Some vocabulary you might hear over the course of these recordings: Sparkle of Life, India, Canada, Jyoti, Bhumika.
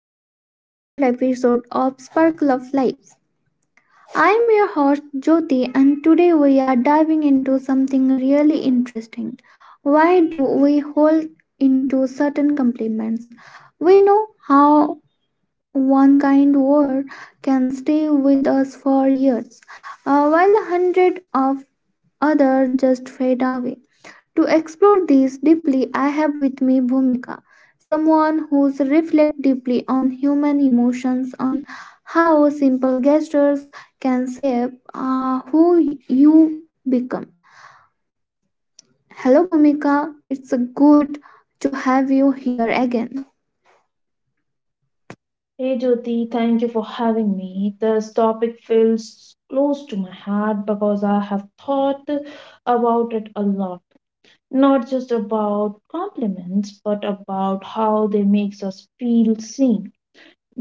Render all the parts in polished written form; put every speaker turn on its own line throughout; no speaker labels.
another heartfelt episode of Sparkle of Life. I am your host Jyoti and today we are diving into something really interesting. Why do we hold into certain compliments? We know how one kind word can stay with us for years, while a hundred of others just fade away. To explore this deeply, I have with me Bhumika, someone who's reflect deeply on human emotions, on how simple gestures can shape who you become. Hello, Bhumika. It's good to have you here again.
Hey Jyoti, thank you for having me. This topic feels close to my heart because I have thought about it a lot. Not just about compliments, but about how they makes us feel seen.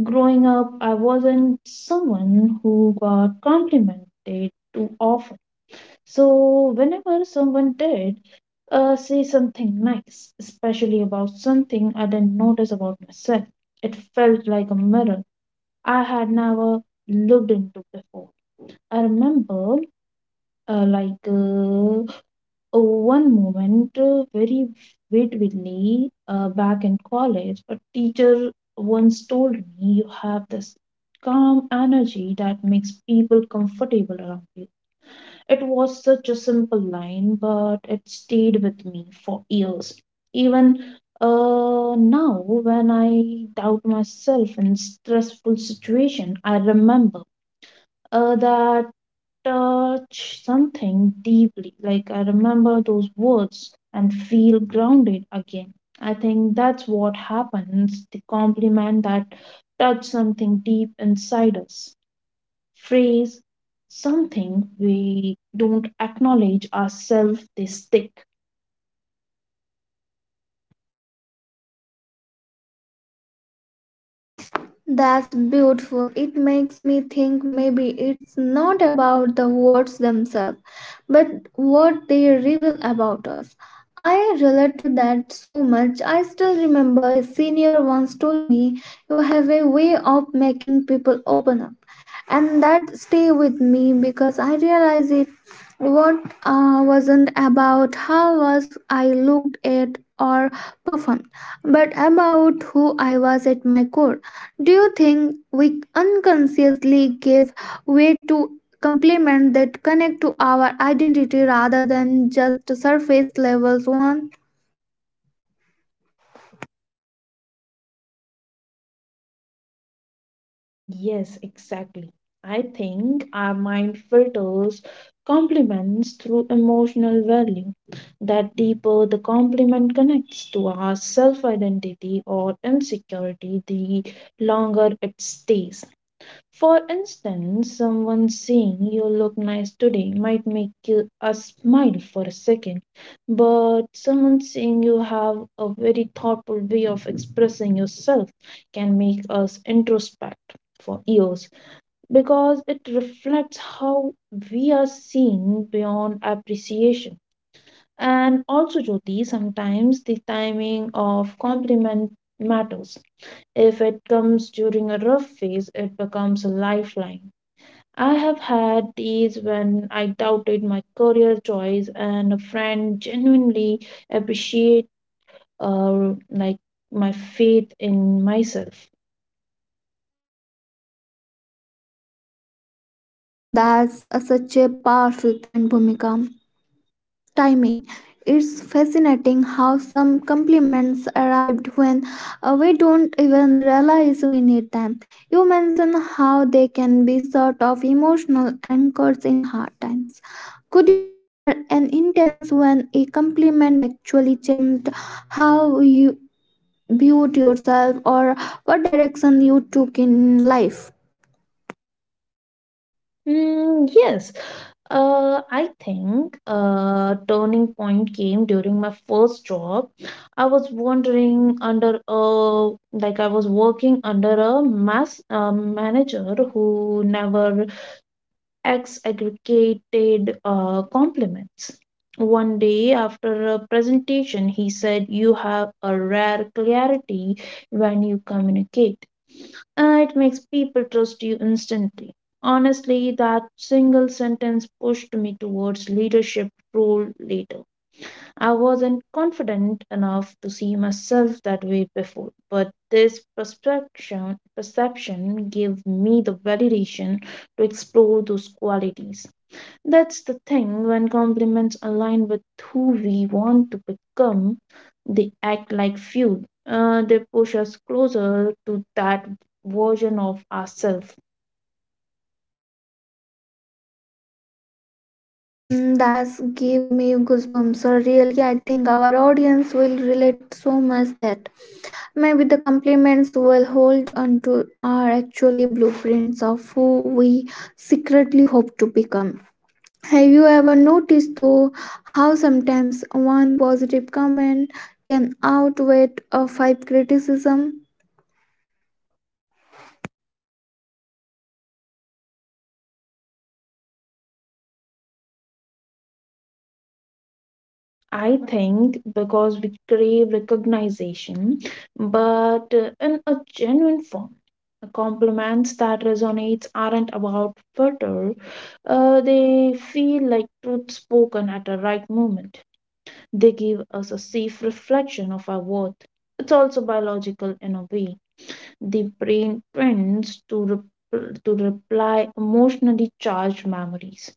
Growing up, I wasn't someone who got complimented too often. So whenever someone did say something nice, especially about something I didn't notice about myself, it felt like a mirror I had never looked into before. I remember, uh, like, uh, one moment very vividly back in college, a teacher once told me, "You have this calm energy that makes people comfortable around you." It was such a simple line, but it stayed with me for years. Even now, when I doubt myself in stressful situation, I remember that touch something deeply. Like I remember those words and feel grounded again. I think that's what happens the compliment that touch something deep inside us, phrase something we don't acknowledge ourselves, they stick.
That's beautiful. It makes me think maybe it's not about the words themselves, but what they reveal about us. I relate to that so much. I still remember a senior once told me, you have a way of making people open up. And that stay with me because I realized it what wasn't about how was I looked at or performed, but about who I was at my core. Do you think we unconsciously give way to compliments that connect to our identity rather than just surface levels one?
Yes, exactly. I think our mind filters compliments through emotional value. That deeper the compliment connects to our self identity or insecurity, the longer it stays. For instance, someone saying you look nice today might make you a smile for a second, but someone saying you have a very thoughtful way of expressing yourself can make us introspect for years because it reflects how we are seen beyond appreciation. And also, Jyoti, sometimes the timing of compliment matters. If it comes during a rough phase, it becomes a lifeline. I have had these when I doubted my career choice and a friend genuinely appreciate uh, like my faith in myself.
Mm, that's such a powerful point, Bhumika. Timing. It's fascinating how some compliments arrived when we don't even realize we need them. You mentioned how they can be sort of emotional anchors in hard times. Could you share an instance when a compliment actually changed how you viewed yourself or what direction you took in life?
Mm, yes, I think a turning point came during my first job. I was wondering under a like, I was working under a mass manager who never ex-aggregated compliments. One day after a presentation, he said, "You have a rare clarity when you communicate. It makes people trust you instantly." Honestly, that single sentence pushed me towards leadership role later. I wasn't confident enough to see myself that way before, but this perception gave me the validation to explore those qualities. That's the thing, when compliments align with who we want to become, they act like fuel. They push us closer to that version of ourselves.
Mm, that's gave me goosebumps. So really, I think our audience will relate so much that maybe the compliments we'll hold onto are actually blueprints of who we secretly hope to become. Have you ever noticed, though, how sometimes one positive comment can outweigh a five criticism?
I think because we crave recognition, but in a genuine form. Compliments that resonates aren't about further. They feel like truth spoken at the right moment. They give us a safe reflection of our worth. It's also biological in a way. The brain tends to, to reply emotionally charged memories,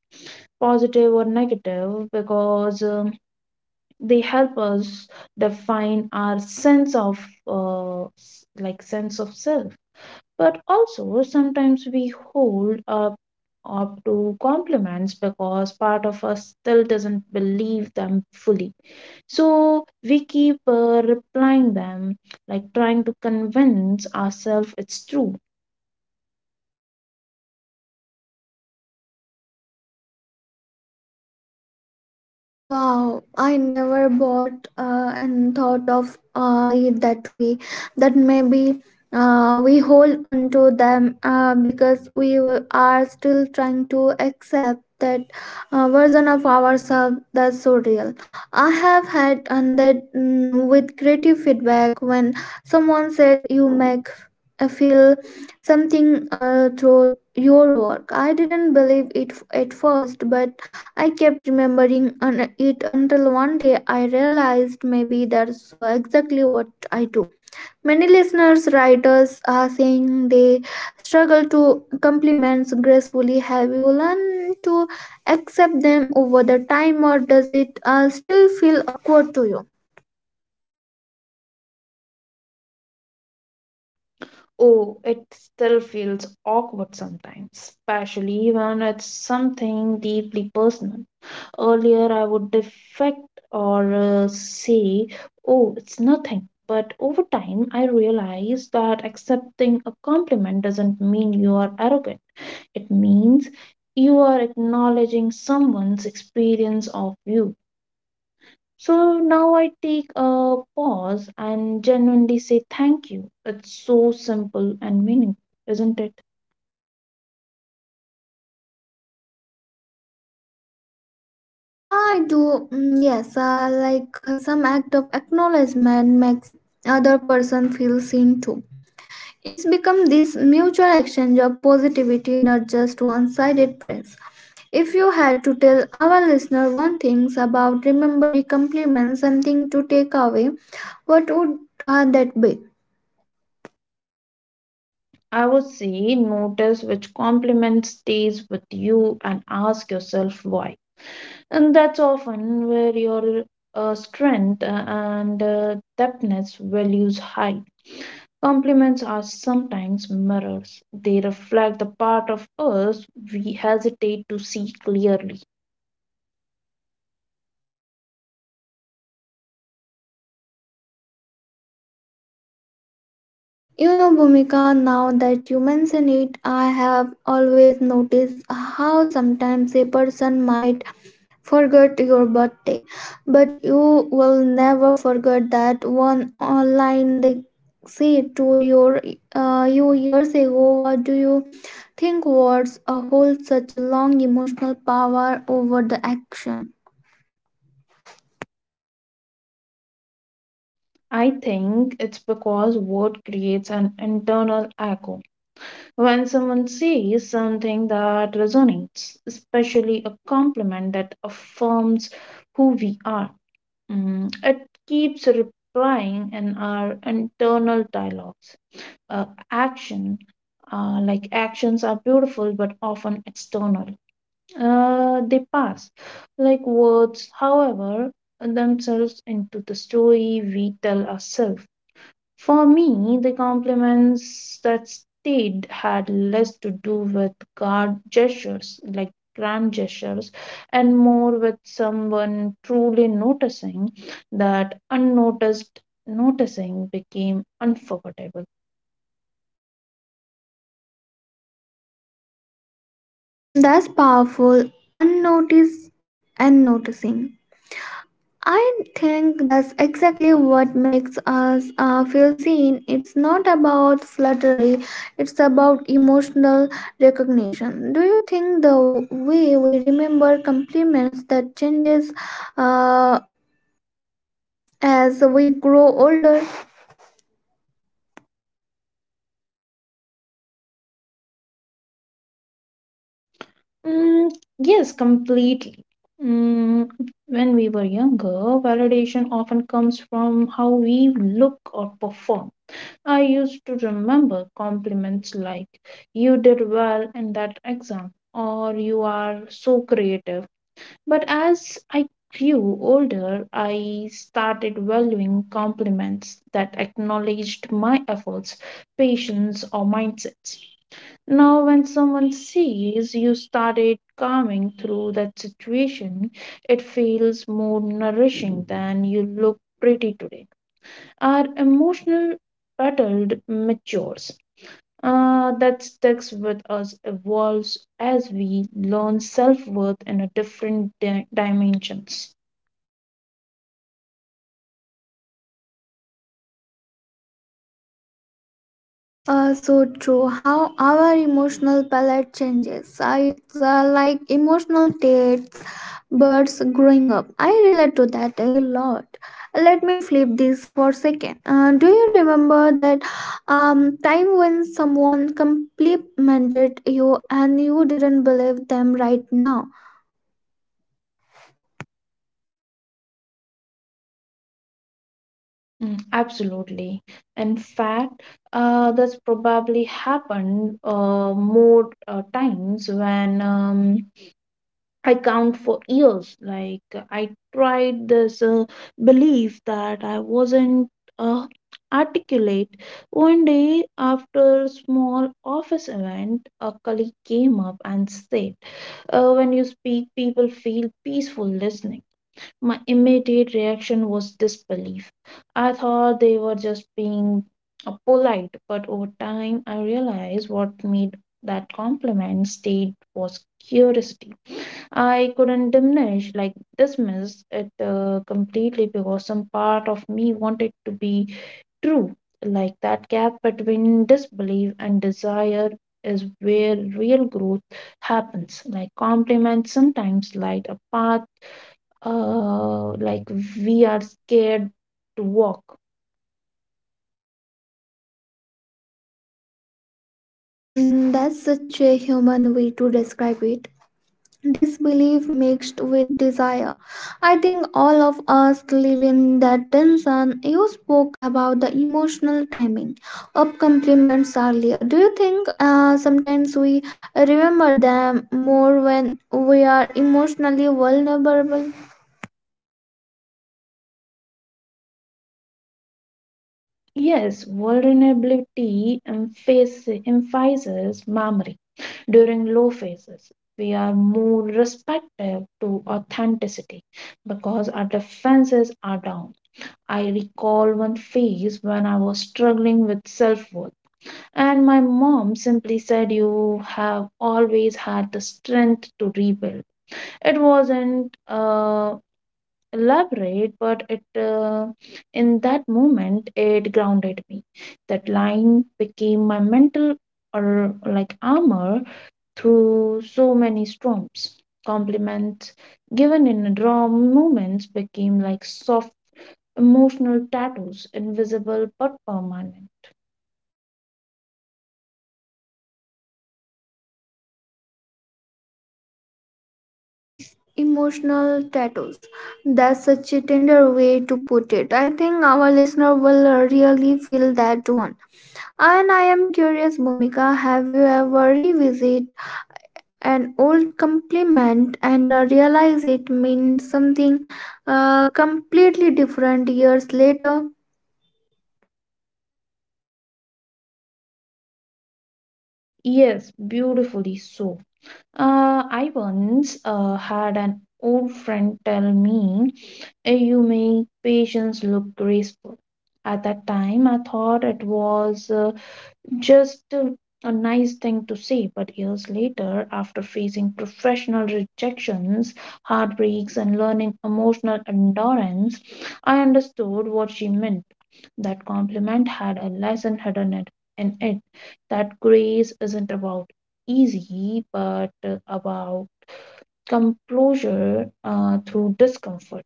positive or negative, because they help us define our sense of sense of self. But also sometimes we hold up to compliments because part of us still doesn't believe them fully so we keep replying them, like trying to convince ourselves it's true.
Oh, wow, I never bought and thought of it that way. That maybe we hold onto them because we are still trying to accept that version of ourselves that's so real. I have had and that mm, with creative feedback when someone said you make feel something through your work. I didn't believe it at first, but I kept remembering it until one day I realized maybe that's so exactly what I do. Many listeners, writers are saying they struggle to compliments gracefully. Have you learned to accept them over the time, or does it still feel awkward to you?
Oh, it still feels awkward sometimes, especially when it's something deeply personal. Earlier, I would defect or say, oh, it's nothing. But over time, I realized that accepting a compliment doesn't mean you are arrogant. It means you are acknowledging someone's experience of you. So now I take a pause and genuinely say thank you. It's so simple and meaningful, isn't it?
I do, mm, yes. Like some act of acknowledgement makes other person feel seen too. It's become this mutual exchange of positivity, not just one sided praise. If you had to tell our listener one thing about remembering compliments, something to take away, what would that be?
I would say notice which compliment stays with you and ask yourself why. And that's often where your strength and depthness values hide. Compliments are sometimes mirrors. They reflect the part of us we hesitate to see clearly.
You know, Bhumika, now that you mention it, I have always noticed how sometimes a person might forget your birthday, but you will never forget that one online they said to your you years ago. What do you think words hold such a long emotional power over the action?
I think it's because what creates an internal echo. When someone says something that resonates, especially a compliment that affirms who we are, mm, it keeps replying in our internal dialogues. Uh, action, actions are beautiful but often external. They pass like words, however, themselves into the story we tell ourselves. For me, the compliments that stayed had less to do with guard gestures, like grand gestures, and more with someone truly noticing that unnoticed noticing became unforgettable.
That's powerful, unnoticed and noticing. I think that's exactly what makes us feel seen. It's not about flattery, it's about emotional recognition. Do you think the way we remember compliments that changes uh, as we grow older?
Mm, yes, completely. Mm, when we were younger, validation often comes from how we look or perform. I used to remember compliments like, you did well in that exam, or you are so creative. But as I grew older, I started valuing compliments that acknowledged my efforts, patience, or mindsets. Now, when someone says you started calming through that situation, it feels more nourishing than you look pretty today. Our emotional battle matures. That sticks with us, evolves as we learn self worth in a different dimensions.
So true. How our emotional palette changes. It's like emotional dates, birds growing up. I relate to that a lot. Let me flip this for a second. Do you remember that time when someone complimented you and you didn't believe them right now?
Mm, absolutely. In fact, that's probably happened more times when. I count for years. Like I tried this belief that I wasn't uh, articulate. One day after a small office event, a colleague came up and said, "When you speak, people feel peaceful listening." My immediate reaction was disbelief. I thought they were just being polite, but over time I realized what made that compliment stayed was curiosity I couldn't diminish, like dismiss it completely because some part of me wanted to be true. Like that gap between disbelief and desire is where real growth happens. Like compliments sometimes light a path, uh, like we are scared to walk.
Mm, that's such a human way to describe it. Disbelief mixed with desire. I think all of us live in that tension. You spoke about the emotional timing of compliments earlier. Do you think sometimes we remember them more when we are emotionally vulnerable?
Yes, vulnerability emphasizes memory. During low phases, we are more respective to authenticity because our defenses are down. I recall one phase when I was struggling with self worth, and my mom simply said, "You have always had the strength to rebuild." It wasn't elaborate, but it in that moment it grounded me. That line became my mental or like armor through so many storms. Compliments given in raw moments became like soft emotional tattoos, invisible but permanent.
Emotional tattoos. That's such a tender way to put it. I think our listener will really feel that one. And I am curious, Bhumika, have you ever revisited an old compliment and realize it meant something completely different years later?
Yes, beautifully so. I once had an old friend tell me, "Eh, you make patience look graceful." At that time, I thought it was just a nice thing to say, but years later, after facing professional rejections, heartbreaks, and learning emotional endurance, I understood what she meant. That compliment had a lesson hidden in it. That grace isn't about easy, but about composure through discomfort.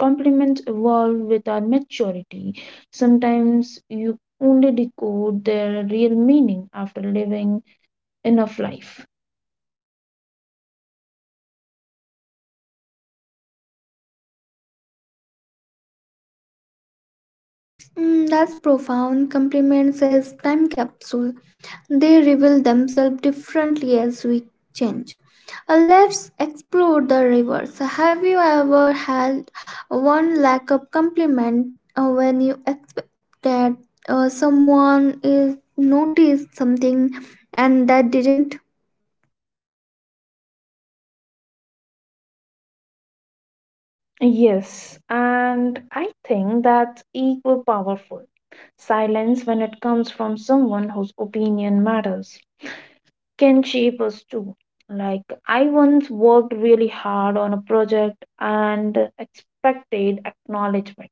Compliments evolve with our maturity. Sometimes you only decode their real meaning after living enough life.
Mm, that's profound. Compliments as time capsule. They reveal themselves differently as we change. Let's explore the reverse. Have you ever had one lack of compliment when you expect that someone is noticed something and that didn't?
Yes, and I think that's equal powerful. Silence when it comes from someone whose opinion matters can shape us too. Like, I once worked really hard on a project and expected acknowledgement.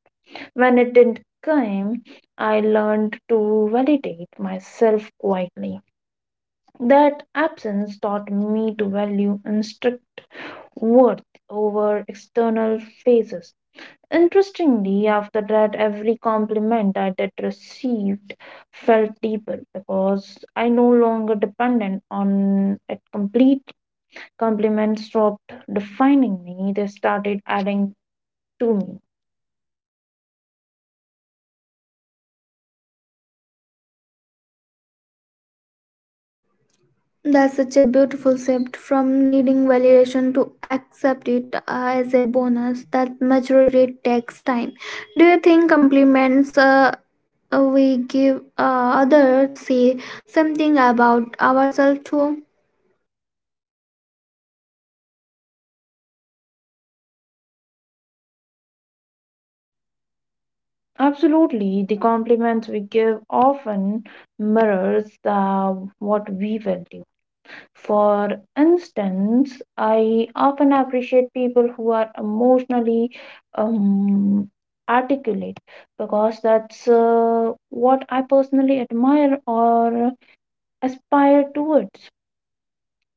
When it didn't come, I learned to validate myself quietly. That absence taught me to value instruct worth over external phases. Interestingly, after that, every compliment I did received felt deeper because I no longer depended on it completely. Compliments stopped defining me, they started adding to me.
That's such a beautiful shift from needing validation to accept it as a bonus. That maturity takes time. Do you think compliments we give others say something about ourselves too?
Absolutely, the compliments we give often mirrors what we value. For instance, I often appreciate people who are emotionally um, articulate because that's what I personally admire or aspire towards.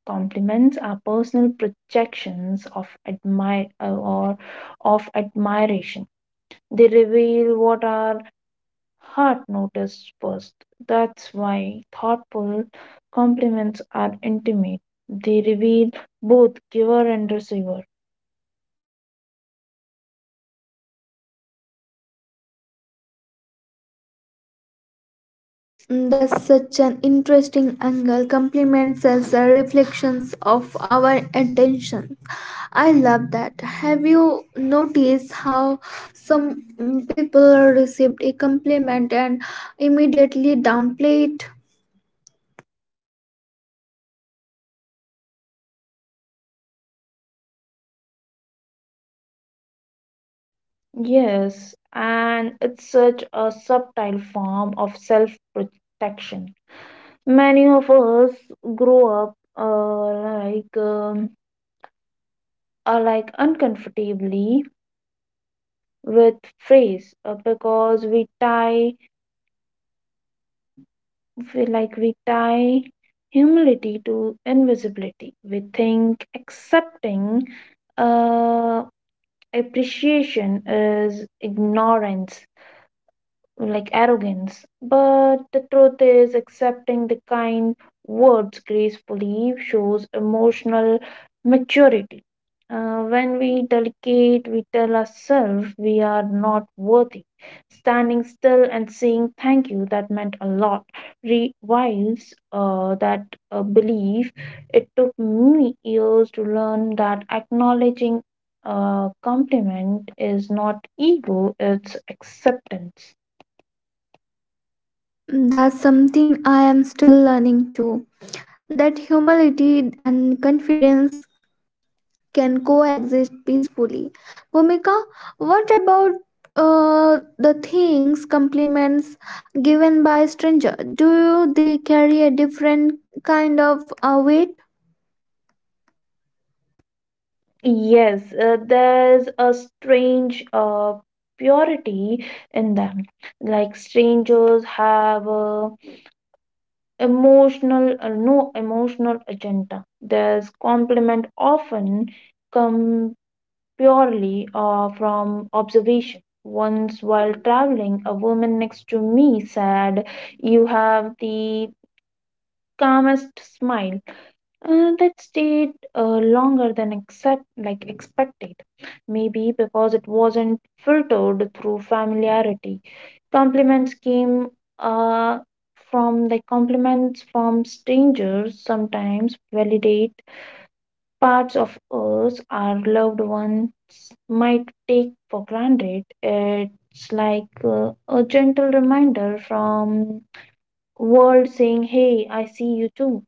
Compliments are personal projections of admire or of admiration. They reveal what our heart noticed first. That's why thoughtful compliments are intimate. They reveal both giver and receiver.
Mm, that's such an interesting angle. Compliments as a reflections of our attention. I love that. Have you noticed how some people received a compliment and immediately downplay it?
Yes, and it's such a subtle form of self protection. Many of us grow up like are like uncomfortably with phrase because we tie humility to invisibility. We think accepting uh, appreciation is ignorance like arrogance. But the truth is, accepting the kind words gracefully shows emotional maturity. When we delegate, we tell ourselves we are not worthy. Standing still and saying thank you, that meant a lot. Revives that belief. It took me years to learn that acknowledging a compliment is not ego, it's acceptance.
That's something I am still learning too. That humility and confidence can coexist peacefully. Bhumika, what about the things, compliments given by stranger? Do they carry a different kind of weight?
Yes, there's a strange purity in them. Like strangers have a emotional, no emotional agenda. There's compliment often come purely from observation. Once while traveling, a woman next to me said, "You have the calmest smile." That stayed longer than accept like expected, maybe because it wasn't filtered through familiarity. Compliments came uh, from like compliments from strangers sometimes validate parts of us our loved ones might take for granted. It's like a gentle reminder from world saying hey, I see you too.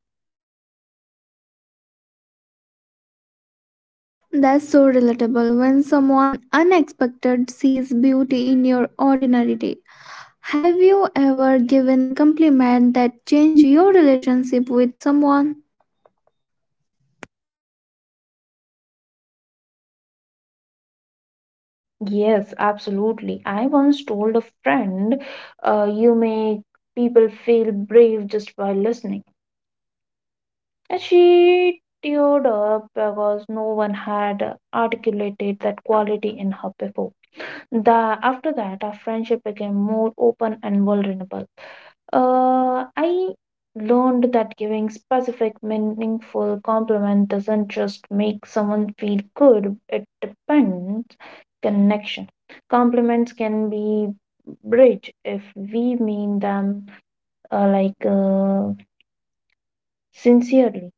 That's so relatable when someone unexpected sees beauty in your ordinary day. Have you ever given a compliment that changed your relationship with someone?
Yes, absolutely. I once told a friend, "You make people feel brave just by listening." And she teared up because no one had articulated that quality in her before. The after that, our friendship became more open and vulnerable. I learned that giving specific, meaningful compliment doesn't just make someone feel good. It depends connection. Compliments can be bridge if we mean them uh, like uh, sincerely.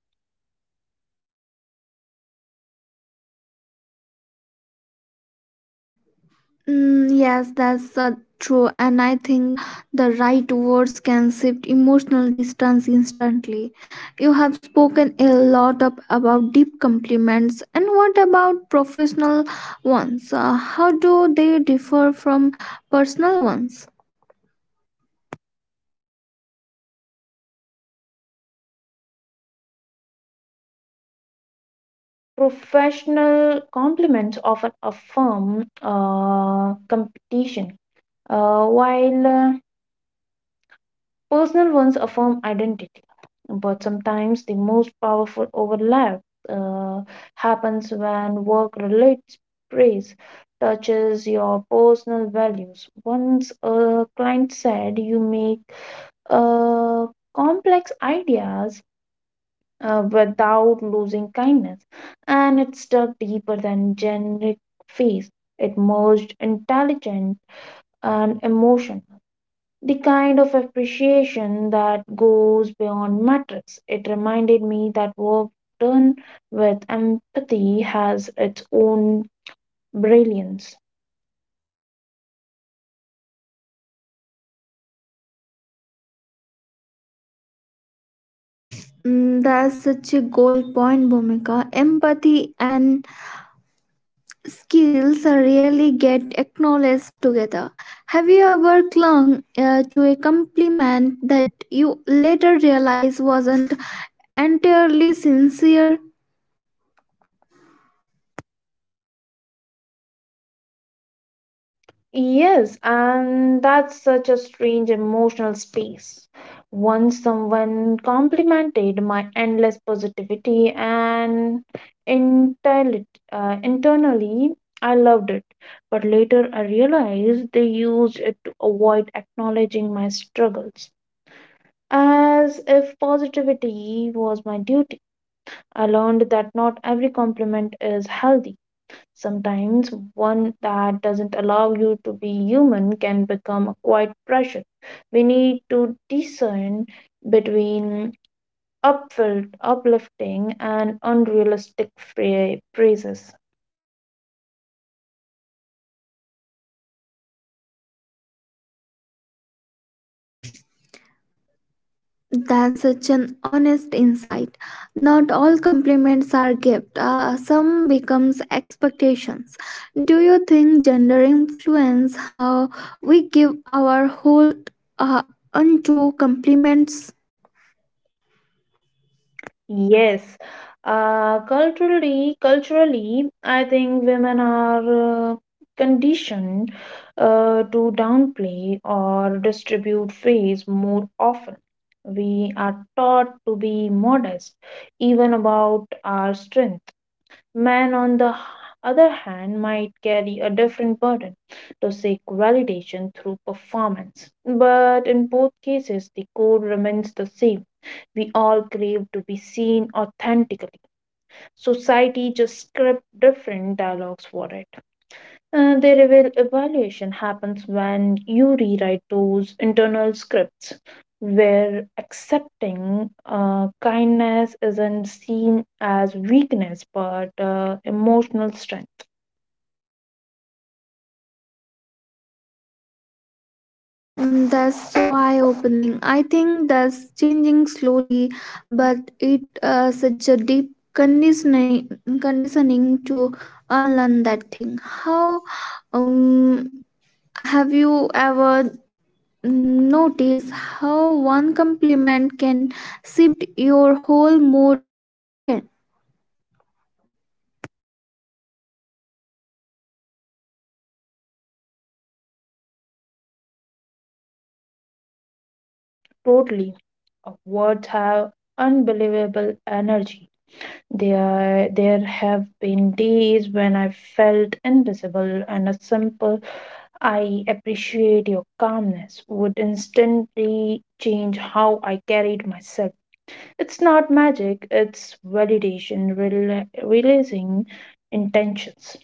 Mm, yes, that's true, and I think the right words can shift emotional distance instantly. You have spoken a lot up about deep compliments, and what about professional ones? How do they differ from personal ones?
Professional compliments often affirm competition, while personal ones affirm identity, but sometimes the most powerful overlap uh, happens when work relates praise touches your personal values. Once a client said you make uh, complex ideas without losing kindness, and it stuck deeper than generic phase. It merged intelligence and emotion, the kind of appreciation that goes beyond metrics. It reminded me that work done with empathy has its own brilliance.
Mm, that's such a gold point, Bhumika. Empathy and skills rarely get acknowledged together. Have you ever clung to a compliment that you later realize wasn't entirely sincere?
Yes, and that's such a strange emotional space. Once someone complimented my endless positivity and intelli- internally, I loved it. But later I realized they used it to avoid acknowledging my struggles. As if positivity was my duty, I learned that not every compliment is healthy. Sometimes one that doesn't allow you to be human can become a quiet pressure. We need to discern between upfilled, uplifting, and unrealistic praises.
That's such an honest insight. Not all compliments are gift. Some becomes expectations. Do you think gender influence how we give our whole uh, unto compliments?
Yes. Culturally, I think women are conditioned to downplay or distribute praise more often. We are taught to be modest, even about our strength. Man, on the other hand, might carry a different burden to seek validation through performance. But in both cases, the core remains the same. We all crave to be seen authentically. Society just script different dialogues for it. Their evaluation happens when you rewrite those internal scripts where accepting kindness isn't seen as weakness but emotional strength.
Mm, that's so eye opening. I think that's changing slowly, but it such a deep conditioning to unlearn that thing. How um have you ever notice how one compliment can shift your whole mood in seconds?
Totally. Words have unbelievable energy. There have been days when I felt invisible, and a simple "I appreciate your calmness" would instantly change how I carried myself. It's not magic, it's validation, releasing intentions.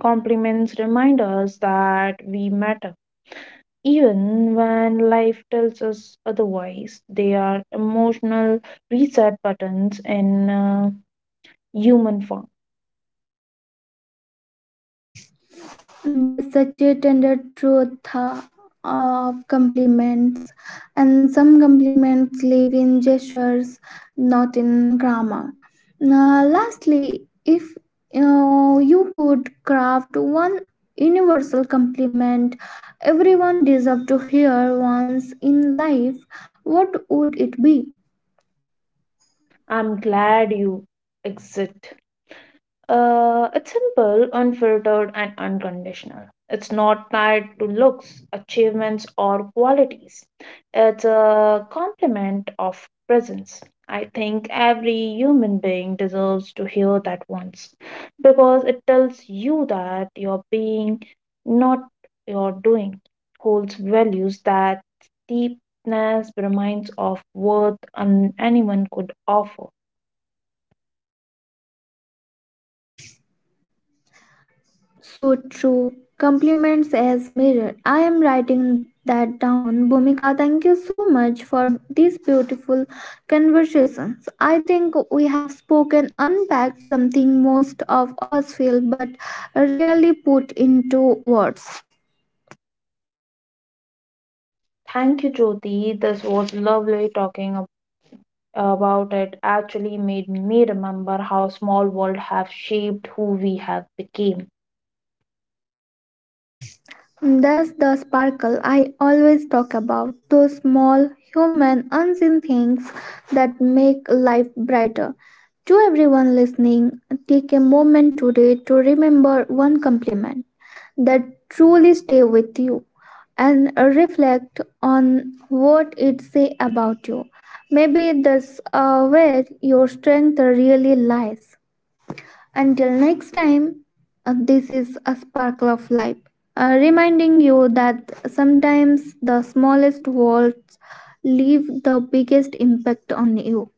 Compliments remind us that we matter. Even when life tells us otherwise, they are emotional reset buttons in human form.
That's such a tender truth of compliments. And some compliments live in gestures, not in grammar. Now, lastly, if you could craft one universal compliment everyone deserves to hear once in life, what would it be?
I'm glad you exit. It's simple, unfiltered, and unconditional. It's not tied to looks, achievements, or qualities. It's a complement of presence. I think every human being deserves to hear that once because it tells you that your being, not your doing, holds values that deepness reminds of worth and anyone could offer.
So true. Compliments as mirror. I am writing that down. Bhumika, thank you so much for these beautiful conversations. I think we have spoken, unpacked something most of us feel but rarely put into words.
Thank you, Jyoti. This was lovely talking about. About it actually made me remember how small world have shaped who we have became.
That's the sparkle I always talk about those small, human, unseen things that make life brighter. To everyone listening, take a moment today to remember one compliment that truly stay with you and reflect on what it say about you. Maybe that's where your strength really lies. Until next time, this is a sparkle of life, reminding you that sometimes the smallest words leave the biggest impact on you.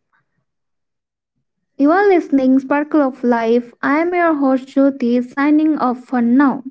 You are listening Sparkle of Life. I am your host Jyoti signing off for now.